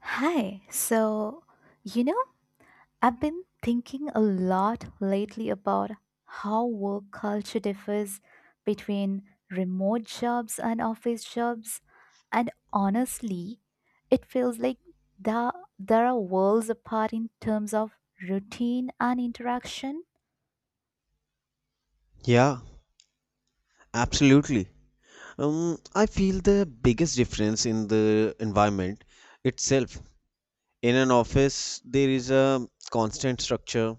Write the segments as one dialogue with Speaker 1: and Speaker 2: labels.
Speaker 1: Hi. So, you know, I've been thinking a lot lately about how work culture differs between remote jobs and office jobs. And honestly, it feels like there, there are worlds apart in terms of routine and interaction.
Speaker 2: Yeah, absolutely. I feel the biggest difference in the environment itself. In an office, there is a constant structure,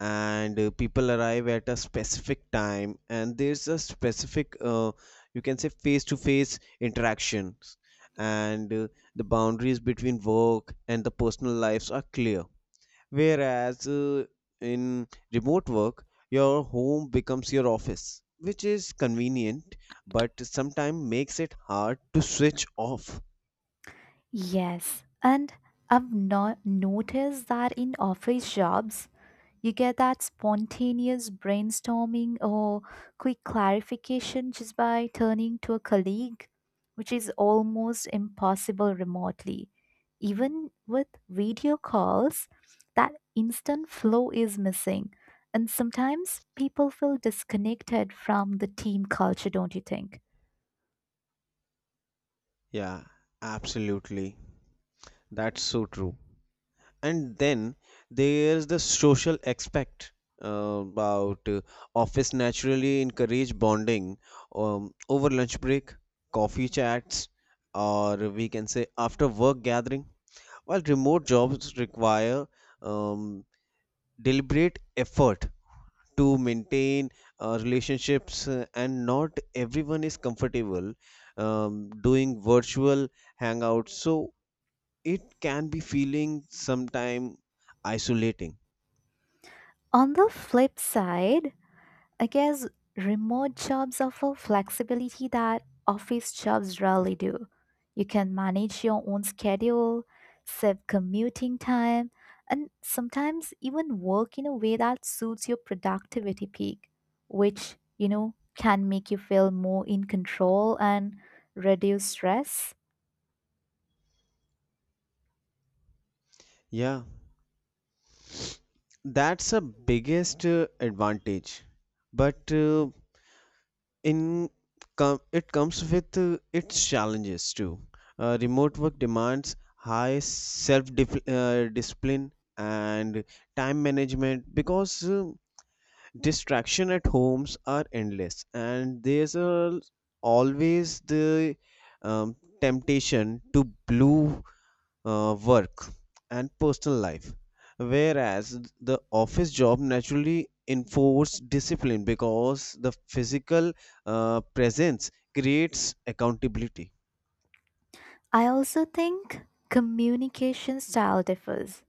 Speaker 2: and people arrive at a specific time, and there's a specific, you can say, face-to-face interactions, and the boundaries between work and the personal lives are clear. Whereas in remote work, your home becomes your office, which is convenient but sometimes makes it hard to switch off.
Speaker 1: Yes. And I've not noticed that in office jobs, you get that spontaneous brainstorming or quick clarification just by turning to a colleague, which is almost impossible remotely. Even with video calls, that instant flow is missing. And sometimes people feel disconnected from the team culture, don't you think?
Speaker 2: Yeah, absolutely. That's so true. And then there's the social aspect about office naturally encourage bonding over lunch break, coffee chats, or we can say after work gathering. While remote jobs require um, deliberate effort to maintain relationships, and not everyone is comfortable doing virtual hangouts, so it can be feeling sometime isolating.
Speaker 1: On the flip side, I guess remote jobs offer flexibility that office jobs rarely do. You can manage your own schedule, save commuting time, and sometimes even work in a way that suits your productivity peak, which, can make you feel more in control and reduce stress.
Speaker 2: Yeah, that's a biggest advantage, but in it comes with its challenges too. Remote work demands high self discipline and time management because distraction at homes are endless, and there's always the um, temptation to blue work and personal life. Whereas the office job naturally enforce discipline because the physical presence creates accountability.
Speaker 1: I also think communication style differs.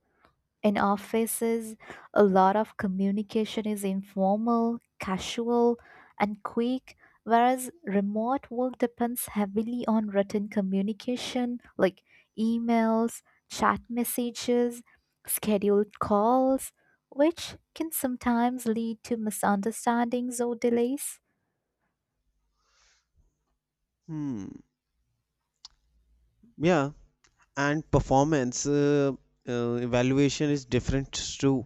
Speaker 1: In offices, a lot of communication is informal, casual, and quick, whereas remote work depends heavily on written communication like emails, chat messages, scheduled calls, which can sometimes lead to misunderstandings or delays.
Speaker 2: Hmm. Yeah, and performance evaluation is different too.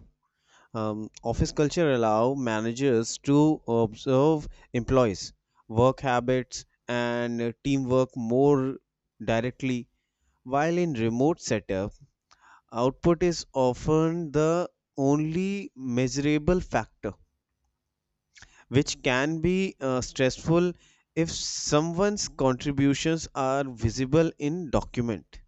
Speaker 2: Office culture allow managers to observe employees' work habits and teamwork more directly. While in remote setup, output is often the only measurable factor, which can be stressful if someone's contributions are visible in document.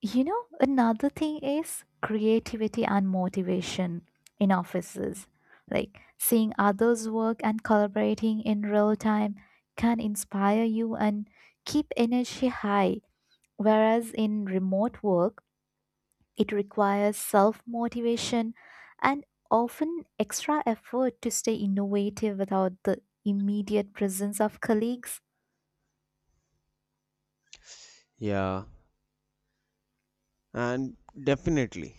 Speaker 1: Another thing is creativity and motivation in offices. Like seeing others work and collaborating in real time can inspire you and keep energy high. Whereas in remote work, it requires self motivation and often extra effort to stay innovative without the immediate presence of colleagues.
Speaker 2: Yeah, and definitely.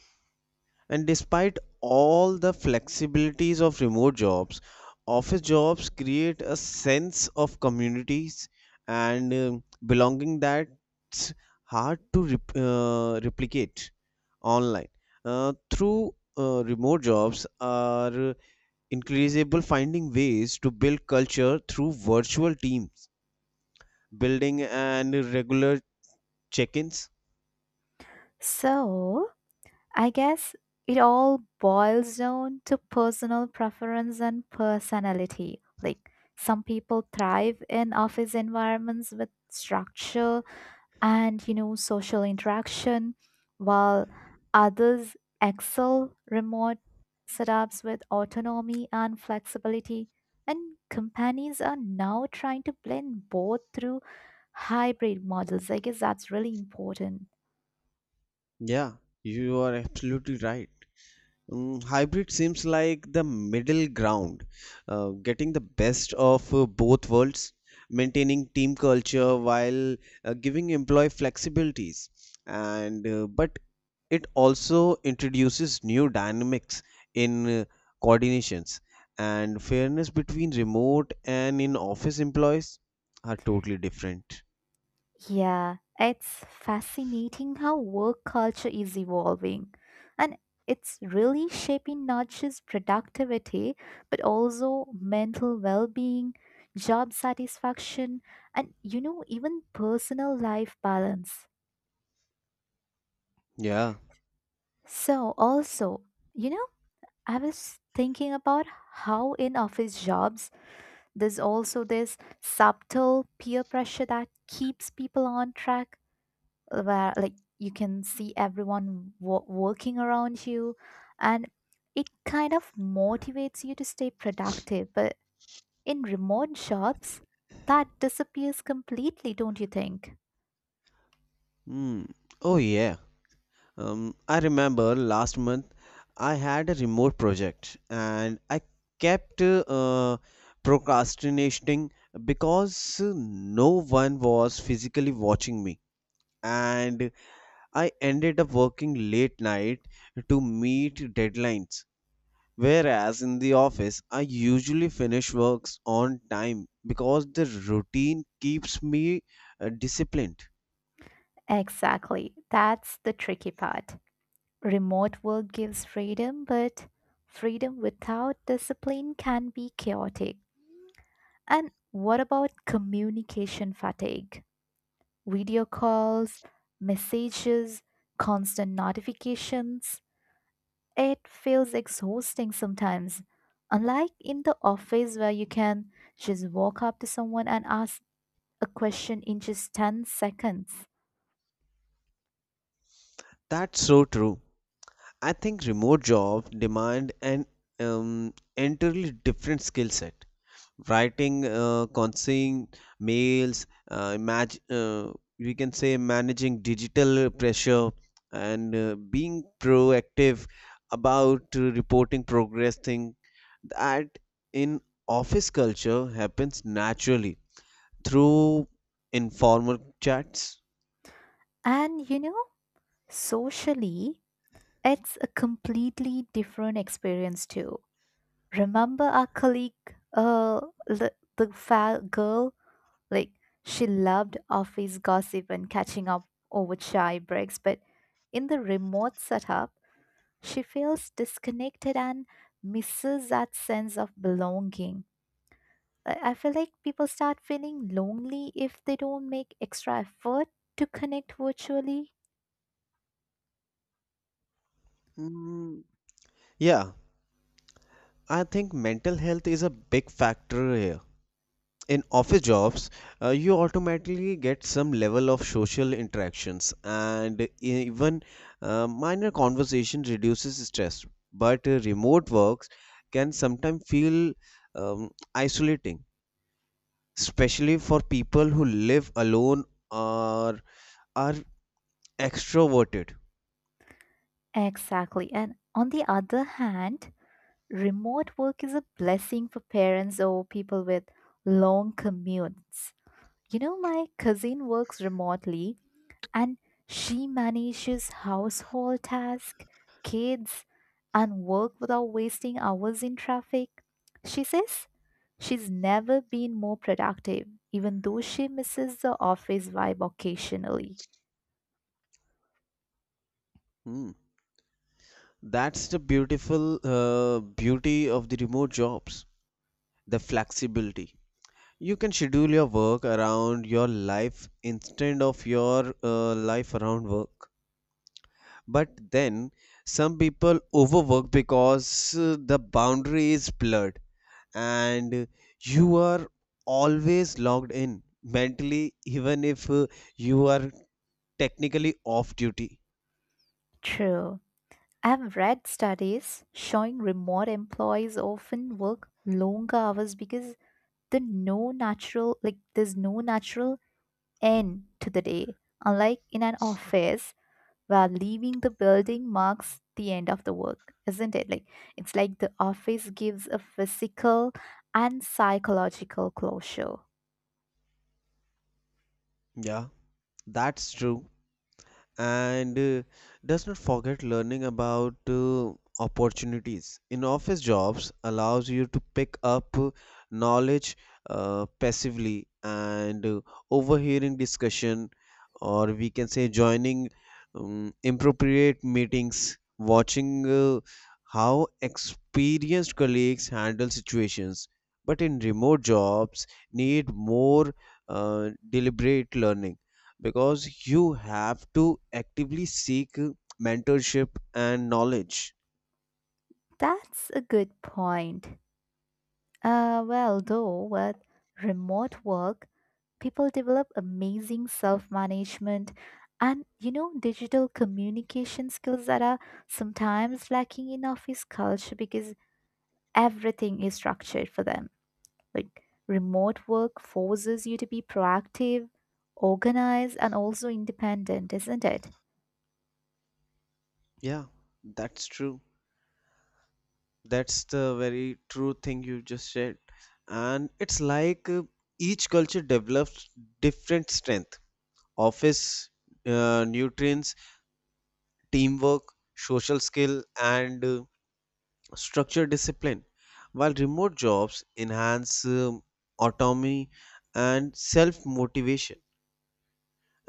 Speaker 2: And despite all the flexibilities of remote jobs, office jobs create a sense of communities and belonging that's hard to replicate online. Through remote jobs are increasable finding ways to build culture through virtual teams, building and regular check-ins.
Speaker 1: So, I guess it all boils down to personal preference and personality. Like some people thrive in office environments with structure and, social interaction, while others excel remote setups with autonomy and flexibility. And companies are now trying to blend both through hybrid models. I guess that's really important.
Speaker 2: Yeah, you are absolutely right. Hybrid seems like the middle ground, getting the best of both worlds, maintaining team culture while giving employee flexibilities. And but it also introduces new dynamics in coordinations, and fairness between remote and in office employees are totally different.
Speaker 1: Yeah, it's fascinating how work culture is evolving. And it's really shaping not just productivity, but also mental well being, job satisfaction, and even personal life balance.
Speaker 2: Yeah.
Speaker 1: So, also, you know, I was thinking about how in office jobs there's also this subtle peer pressure that keeps people on track where like you can see everyone working around you, and it kind of motivates you to stay productive, but in remote jobs that disappears completely, don't you think?
Speaker 2: Mm. Oh, yeah. I remember last month I had a remote project, and I kept procrastinating because no one was physically watching me. And I ended up working late night to meet deadlines. Whereas in the office, I usually finish works on time because the routine keeps me disciplined.
Speaker 1: Exactly, that's the tricky part. Remote work gives freedom, but freedom without discipline can be chaotic. And what about communication fatigue? Video calls, messages, constant notifications. It feels exhausting sometimes. Unlike in the office where you can just walk up to someone and ask a question in just 10 seconds.
Speaker 2: That's so true. I think remote job demand an entirely different skill set. Writing, consigning mails, we can say managing digital pressure, and being proactive about reporting progress. Thing that in office culture happens naturally through informal chats.
Speaker 1: And socially, it's a completely different experience too. Remember our colleague, uh, the girl. Like, she loved office gossip and catching up over chai breaks, but in the remote setup, she feels disconnected and misses that sense of belonging. I feel like people start feeling lonely if they don't make extra effort to connect virtually.
Speaker 2: Mm, yeah, I think mental health is a big factor here in office jobs. You automatically get some level of social interactions, and even minor conversation reduces stress. But remote works can sometimes feel isolating, especially for people who live alone or are extroverted.
Speaker 1: Exactly. And on the other hand, remote work is a blessing for parents or people with long commutes. You know, my cousin works remotely and she manages household tasks, kids, and work without wasting hours in traffic. She says she's never been more productive, even though she misses the office vibe occasionally.
Speaker 2: Hmm. That's the beautiful beauty of the remote jobs, the flexibility. You can schedule your work around your life instead of your life around work. But then some people overwork because the boundary is blurred, and you are always logged in mentally even if you are technically off duty.
Speaker 1: True. I've read studies showing remote employees often work longer hours because there's no natural end to the day. Unlike in an office where leaving the building marks the end of the work, isn't it? Like it's like the office gives a physical and psychological closure.
Speaker 2: Yeah, that's true. And does not forget learning about opportunities in office jobs allows you to pick up knowledge passively, and overhearing discussion, or we can say joining appropriate meetings, watching how experienced colleagues handle situations. But in remote jobs need more deliberate learning because you have to actively seek mentorship and knowledge.
Speaker 1: That's a good point. Well, though, with remote work, people develop amazing self management and, digital communication skills that are sometimes lacking in office culture because everything is structured for them. Like, remote work forces you to be proactive, organized, and also independent, isn't it?
Speaker 2: Yeah, that's true. That's the very true thing you just said. And it's like each culture develops different strength. Office nutrients, teamwork, social skill, and structure discipline. While remote jobs enhance autonomy and self motivation.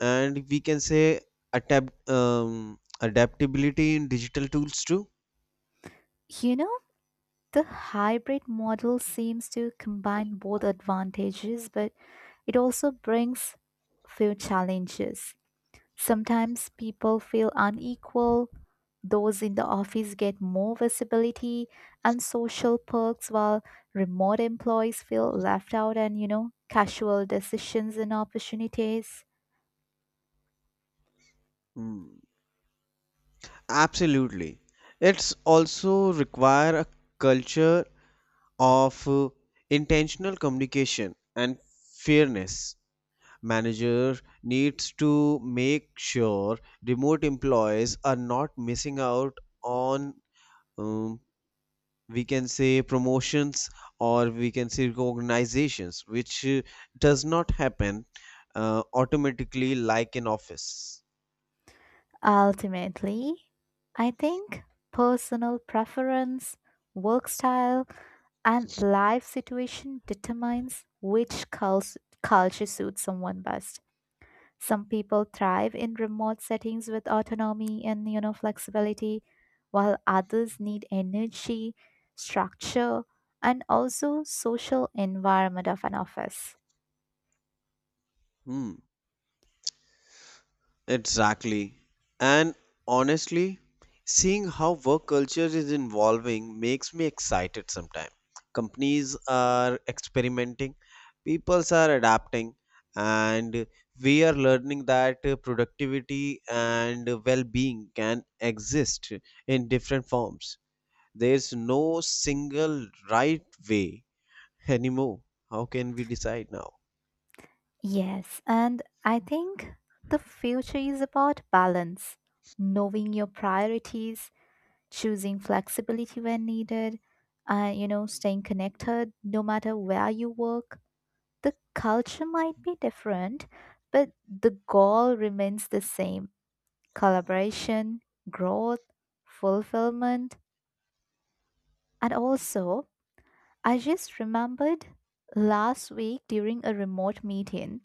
Speaker 2: And we can say adaptability in digital tools too.
Speaker 1: You know, the hybrid model seems to combine both advantages, but it also brings few challenges. Sometimes people feel unequal. Those in the office get more visibility and social perks while remote employees feel left out and, casual decisions and opportunities.
Speaker 2: Mm, Absolutely. It's also require a culture of intentional communication and fairness. Manager needs to make sure remote employees are not missing out on um, we can say promotions, or we can say recognitions, which does not happen automatically like in office.
Speaker 1: Ultimately, I think personal preference, work style, and life situation determines which culture suits someone best. Some people thrive in remote settings with autonomy and flexibility, while others need energy, structure, and also social environment of an office.
Speaker 2: Hmm, exactly. And honestly, seeing how work culture is evolving makes me excited sometimes. Companies are experimenting, peoples are adapting, and we are learning that productivity and well-being can exist in different forms. There's no single right way anymore. How can we decide now?
Speaker 1: Yes, and I think the future is about balance, knowing your priorities, choosing flexibility when needed, and staying connected no matter where you work. The culture might be different, but the goal remains the same: collaboration, growth, fulfillment. And also, I just remembered last week during a remote meeting,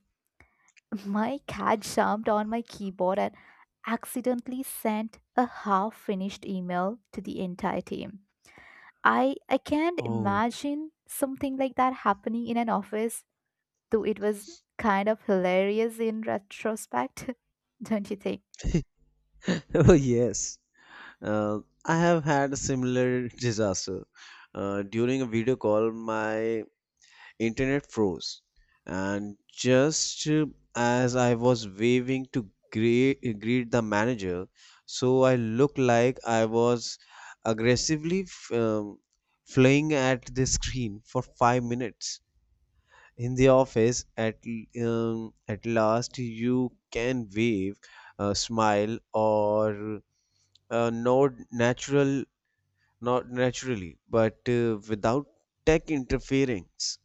Speaker 1: my cat jumped on my keyboard and accidentally sent a half finished email to the entire team. I can't
Speaker 2: Oh,
Speaker 1: imagine something like that happening in an office. Though it was kind of hilarious in retrospect, don't you think?
Speaker 2: oh, yes. uh, I have had a similar disaster during a video call. My internet froze, and just as I was waving to greet the manager, so I looked like I was aggressively flying at the screen for 5 minutes. In the office at last, you can wave, smile, or nod natural, not naturally but without tech interference.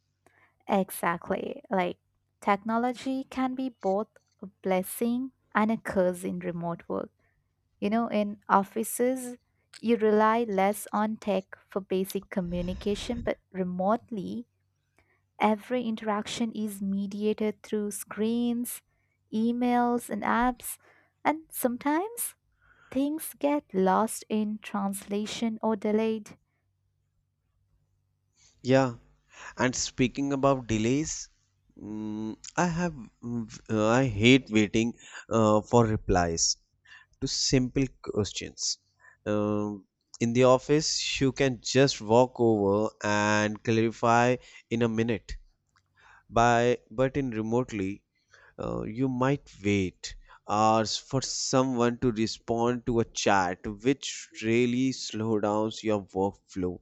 Speaker 1: Exactly. Like, technology can be both a blessing and a curse in remote work. You know, in offices, you rely less on tech for basic communication, but remotely, every interaction is mediated through screens, emails, and apps. And sometimes things get lost in translation or delayed.
Speaker 2: Yeah, and speaking about delays, mm, i have I hate waiting for replies to simple questions. um, in the office, you can just walk over and clarify in a minute. By But in remotely, you might wait hours for someone to respond to a chat, which really slow downs your workflow.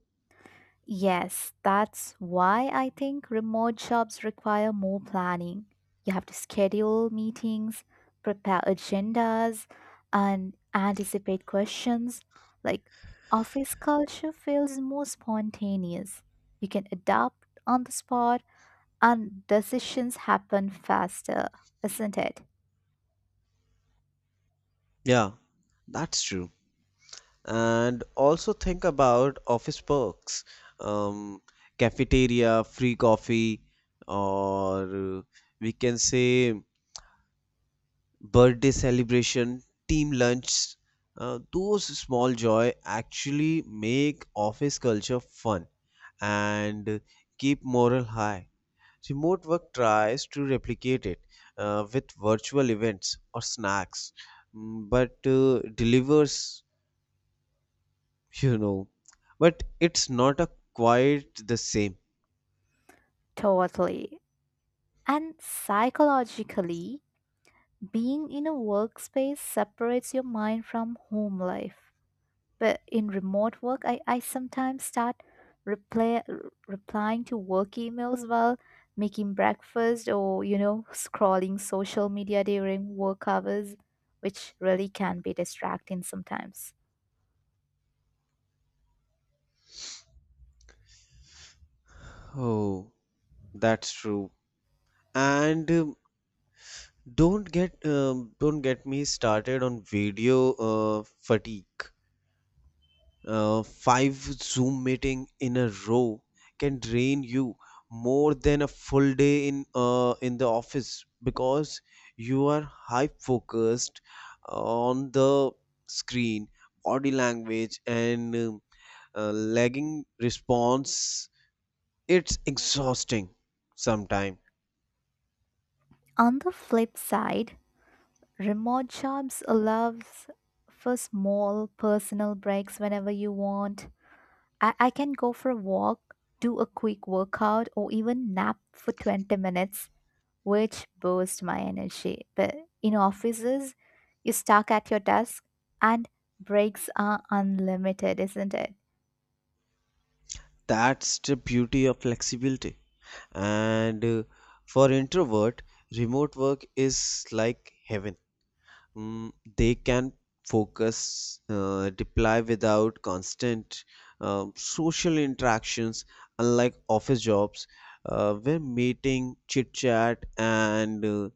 Speaker 1: Yes, that's why I think remote jobs require more planning. You have to schedule meetings, prepare agendas, and anticipate questions. Like, office culture feels more spontaneous. You can adapt on the spot, and decisions happen faster, isn't it?
Speaker 2: Yeah, that's true. And also think about office perks. um, Cafeteria free coffee, or we can say birthday celebration, team lunch, those small joy actually make office culture fun and keep morale high. Remote work tries to replicate it with virtual events or snacks, but delivers, you know, but it's not a quite the same.
Speaker 1: Totally. And psychologically, being in a workspace separates your mind from home life. But in remote work, I sometimes start replying to work emails while making breakfast or, scrolling social media during work hours, which really can be distracting sometimes.
Speaker 2: Oh, that's true. And don't get me started on video fatigue. Five Zoom meeting in a row can drain you more than a full day in the office because you are high focused on the screen, body language, and lagging response. It's exhausting sometimes.
Speaker 1: On the flip side, remote jobs allows for small personal breaks whenever you want. I can go for a walk, do a quick workout, or even nap for 20 minutes, which burst my energy. But in offices, you stuck at your desk and breaks are unlimited, isn't it?
Speaker 2: That's the beauty of flexibility. And for introvert, remote work is like heaven. Mm, they can focus, deploy without constant social interactions, unlike office jobs, where meeting, chit chat, and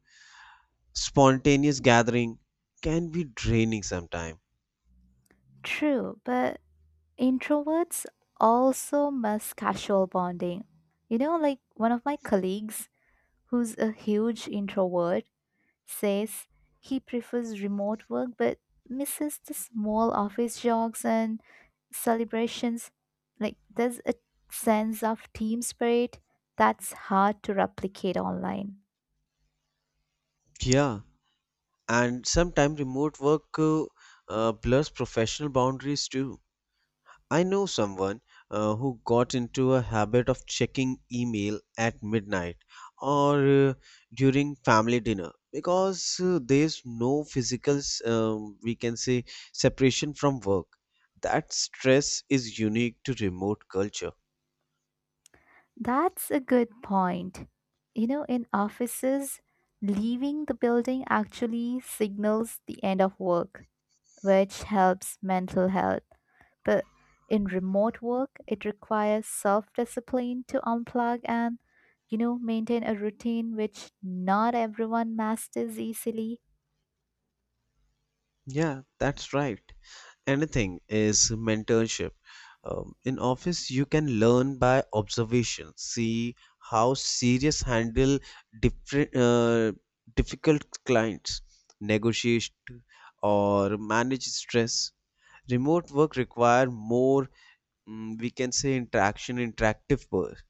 Speaker 2: spontaneous gathering can be draining sometimes.
Speaker 1: True, but introverts also miss casual bonding. You know, like one of my colleagues who's a huge introvert, says he prefers remote work but misses the small office jogs and celebrations. Like there's a sense of team spirit that's hard to replicate online.
Speaker 2: Yeah, and sometimes remote work blurs professional boundaries too. I know someone who got into a habit of checking email at midnight or during family dinner because there's no physical, we can say, separation from work. That stress is unique to remote culture.
Speaker 1: That's a good point. You know, in offices, leaving the building actually signals the end of work, which helps mental health. But in remote work, it requires self discipline to unplug and, maintain a routine which not everyone masters easily.
Speaker 2: Yeah, that's right. Anything is mentorship. In office, you can learn by observation. See how serious handle different difficult clients, negotiate, or manage stress. Remote work require more, we can say, interactive work.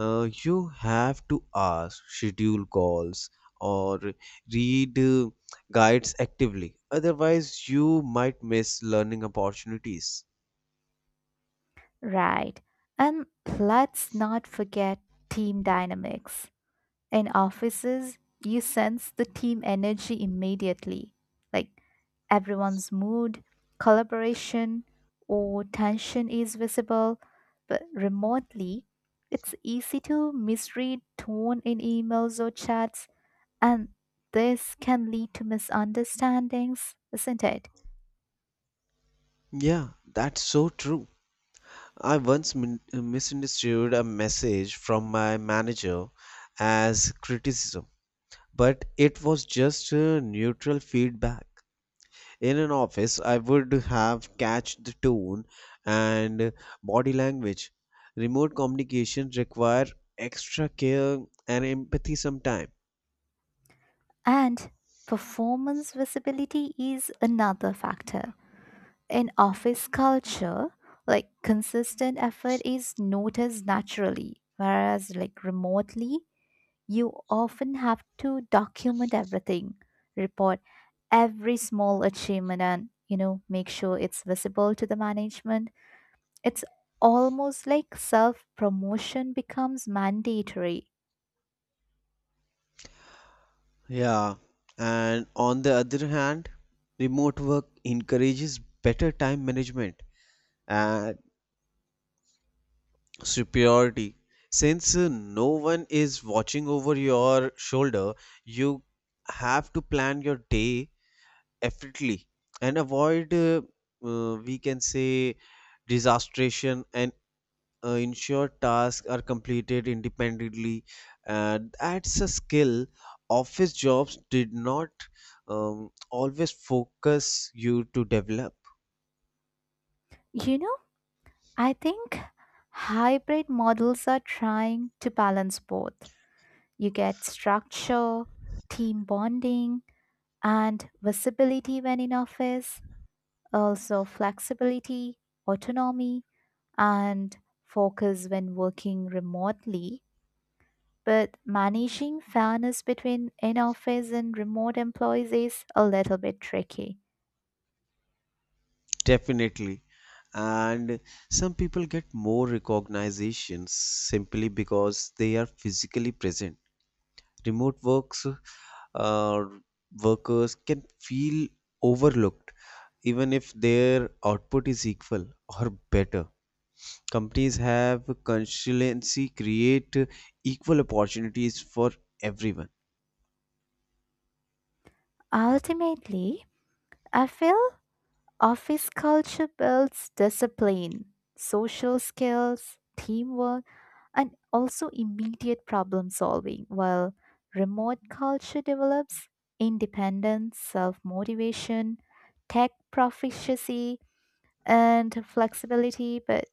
Speaker 2: You have to ask, schedule calls, or read guides actively. Otherwise, you might miss learning opportunities.
Speaker 1: Right. And let's not forget team dynamics. In offices, you sense the team energy immediately, like everyone's mood, collaboration, or tension is visible, but remotely, it's easy to misread tone in emails or chats, and this can lead to misunderstandings, isn't it?
Speaker 2: Yeah, that's so true. I once misunderstood a message from my manager as criticism, but it was just neutral feedback. In an office, I would have catch the tone and body language. Remote communication require extra care and empathy sometimes.
Speaker 1: And performance visibility is another factor. In office culture, like consistent effort is noticed naturally, whereas like remotely, you often have to document everything, report every small achievement and make sure it's visible to the management. It's almost like self-promotion becomes mandatory.
Speaker 2: Yeah, and on the other hand, remote work encourages better time management and superiority, since no one is watching over your shoulder, you have to plan your day. Definitely. And avoid, we can say, disastration, and ensure tasks are completed independently. And that's a skill office jobs did not always focus you to develop.
Speaker 1: You know, I think hybrid models are trying to balance both. You get structure, team bonding, and visibility when in office, also flexibility, autonomy, and focus when working remotely. But managing fairness between in office and remote employees is a little bit tricky.
Speaker 2: Definitely. And some people get more recognitions simply because they are physically present. Remote works uh, workers can feel overlooked even if their output is equal or better. Companies have consistency create equal opportunities for everyone.
Speaker 1: Ultimately, I feel office culture builds discipline, social skills, teamwork and also immediate problem solving, while remote culture develops independence, self motivation, tech proficiency, and flexibility, but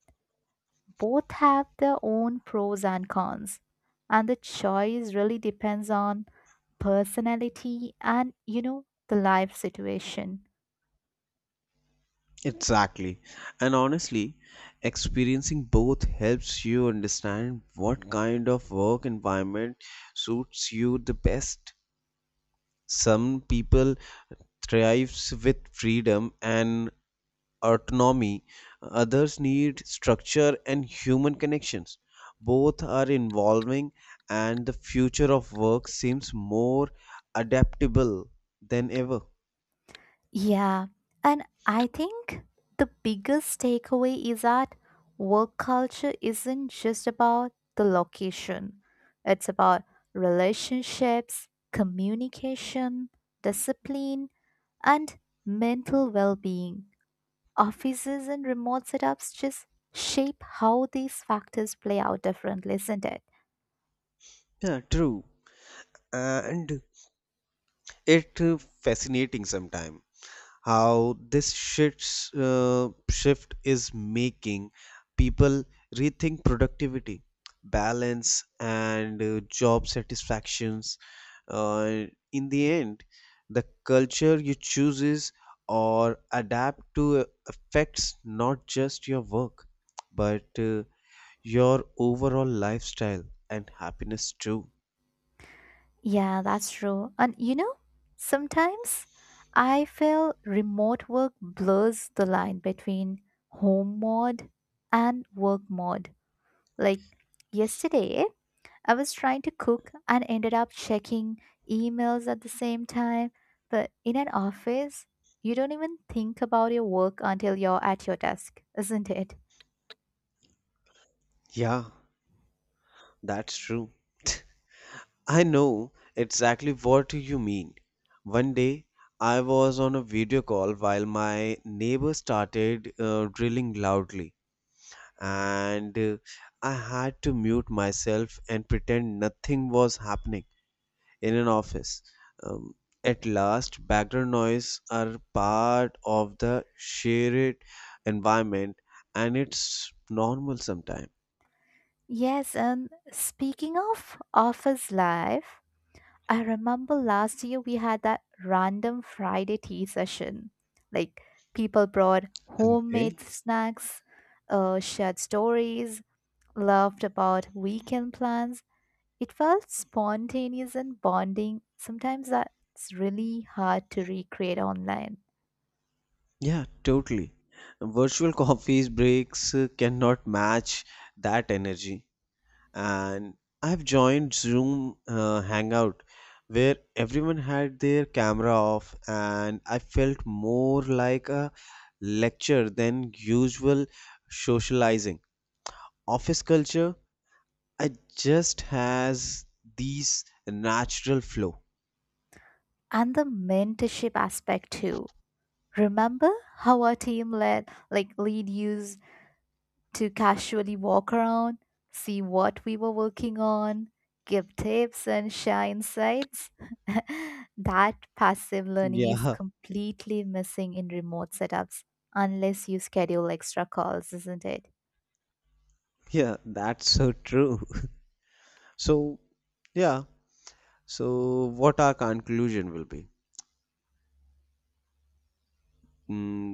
Speaker 1: both have their own pros and cons. And the choice really depends on personality and, the life situation.
Speaker 2: Exactly. And honestly, experiencing both helps you understand what kind of work environment suits you the best. Some people thrives with freedom and autonomy, others need structure and human connections. Both are evolving, and the future of work seems more adaptable than ever.
Speaker 1: Yeah, and I think the biggest takeaway is that work culture isn't just about the location, it's about relationships, communication, discipline, and mental well being. Offices and remote setups just shape how these factors play out differently, isn't it?
Speaker 2: Yeah, true. And it fascinating sometimes how shift is making people rethink productivity, balance, and job satisfactions. Uh, in the end, the culture you chooses or adapt to affects not just your work, but your overall lifestyle and happiness too.
Speaker 1: Yeah, that's true. And you know, sometimes I feel remote work blurs the line between home mode and work mode. Like yesterday, I was trying to cook and ended up checking emails at the same time. But in an office, you don't even think about your work until you're at your desk, isn't it?
Speaker 2: Yeah, that's true. I know exactly what you mean. One day, I was on a video call while my neighbor started drilling loudly, and I had to mute myself and pretend nothing was happening in an office. Um, at last, background noise are part of the shared environment, and it's normal sometimes.
Speaker 1: Yes, and speaking of office life, I remember last year we had that random Friday tea session. Like people brought
Speaker 2: Okay.
Speaker 1: homemade snacks, shared stories, laughed about weekend plans. It felt spontaneous and bonding. Sometimes that's really hard to recreate online.
Speaker 2: Yeah, totally. Virtual coffees breaks cannot match that energy. And I've joined Zoom Hangout where everyone had their camera off, and I felt more like a lecture than usual socializing. Office culture, it just has these natural flow.
Speaker 1: And the mentorship aspect too. Remember how our team led, like lead used to casually walk around, see what we were working on, give tips and share insights. That passive learning is
Speaker 2: Yeah,
Speaker 1: completely missing in remote setups unless you schedule extra calls, isn't it?
Speaker 2: yeah, that's so true. So, yeah, so, what our conclusion will be? Mm,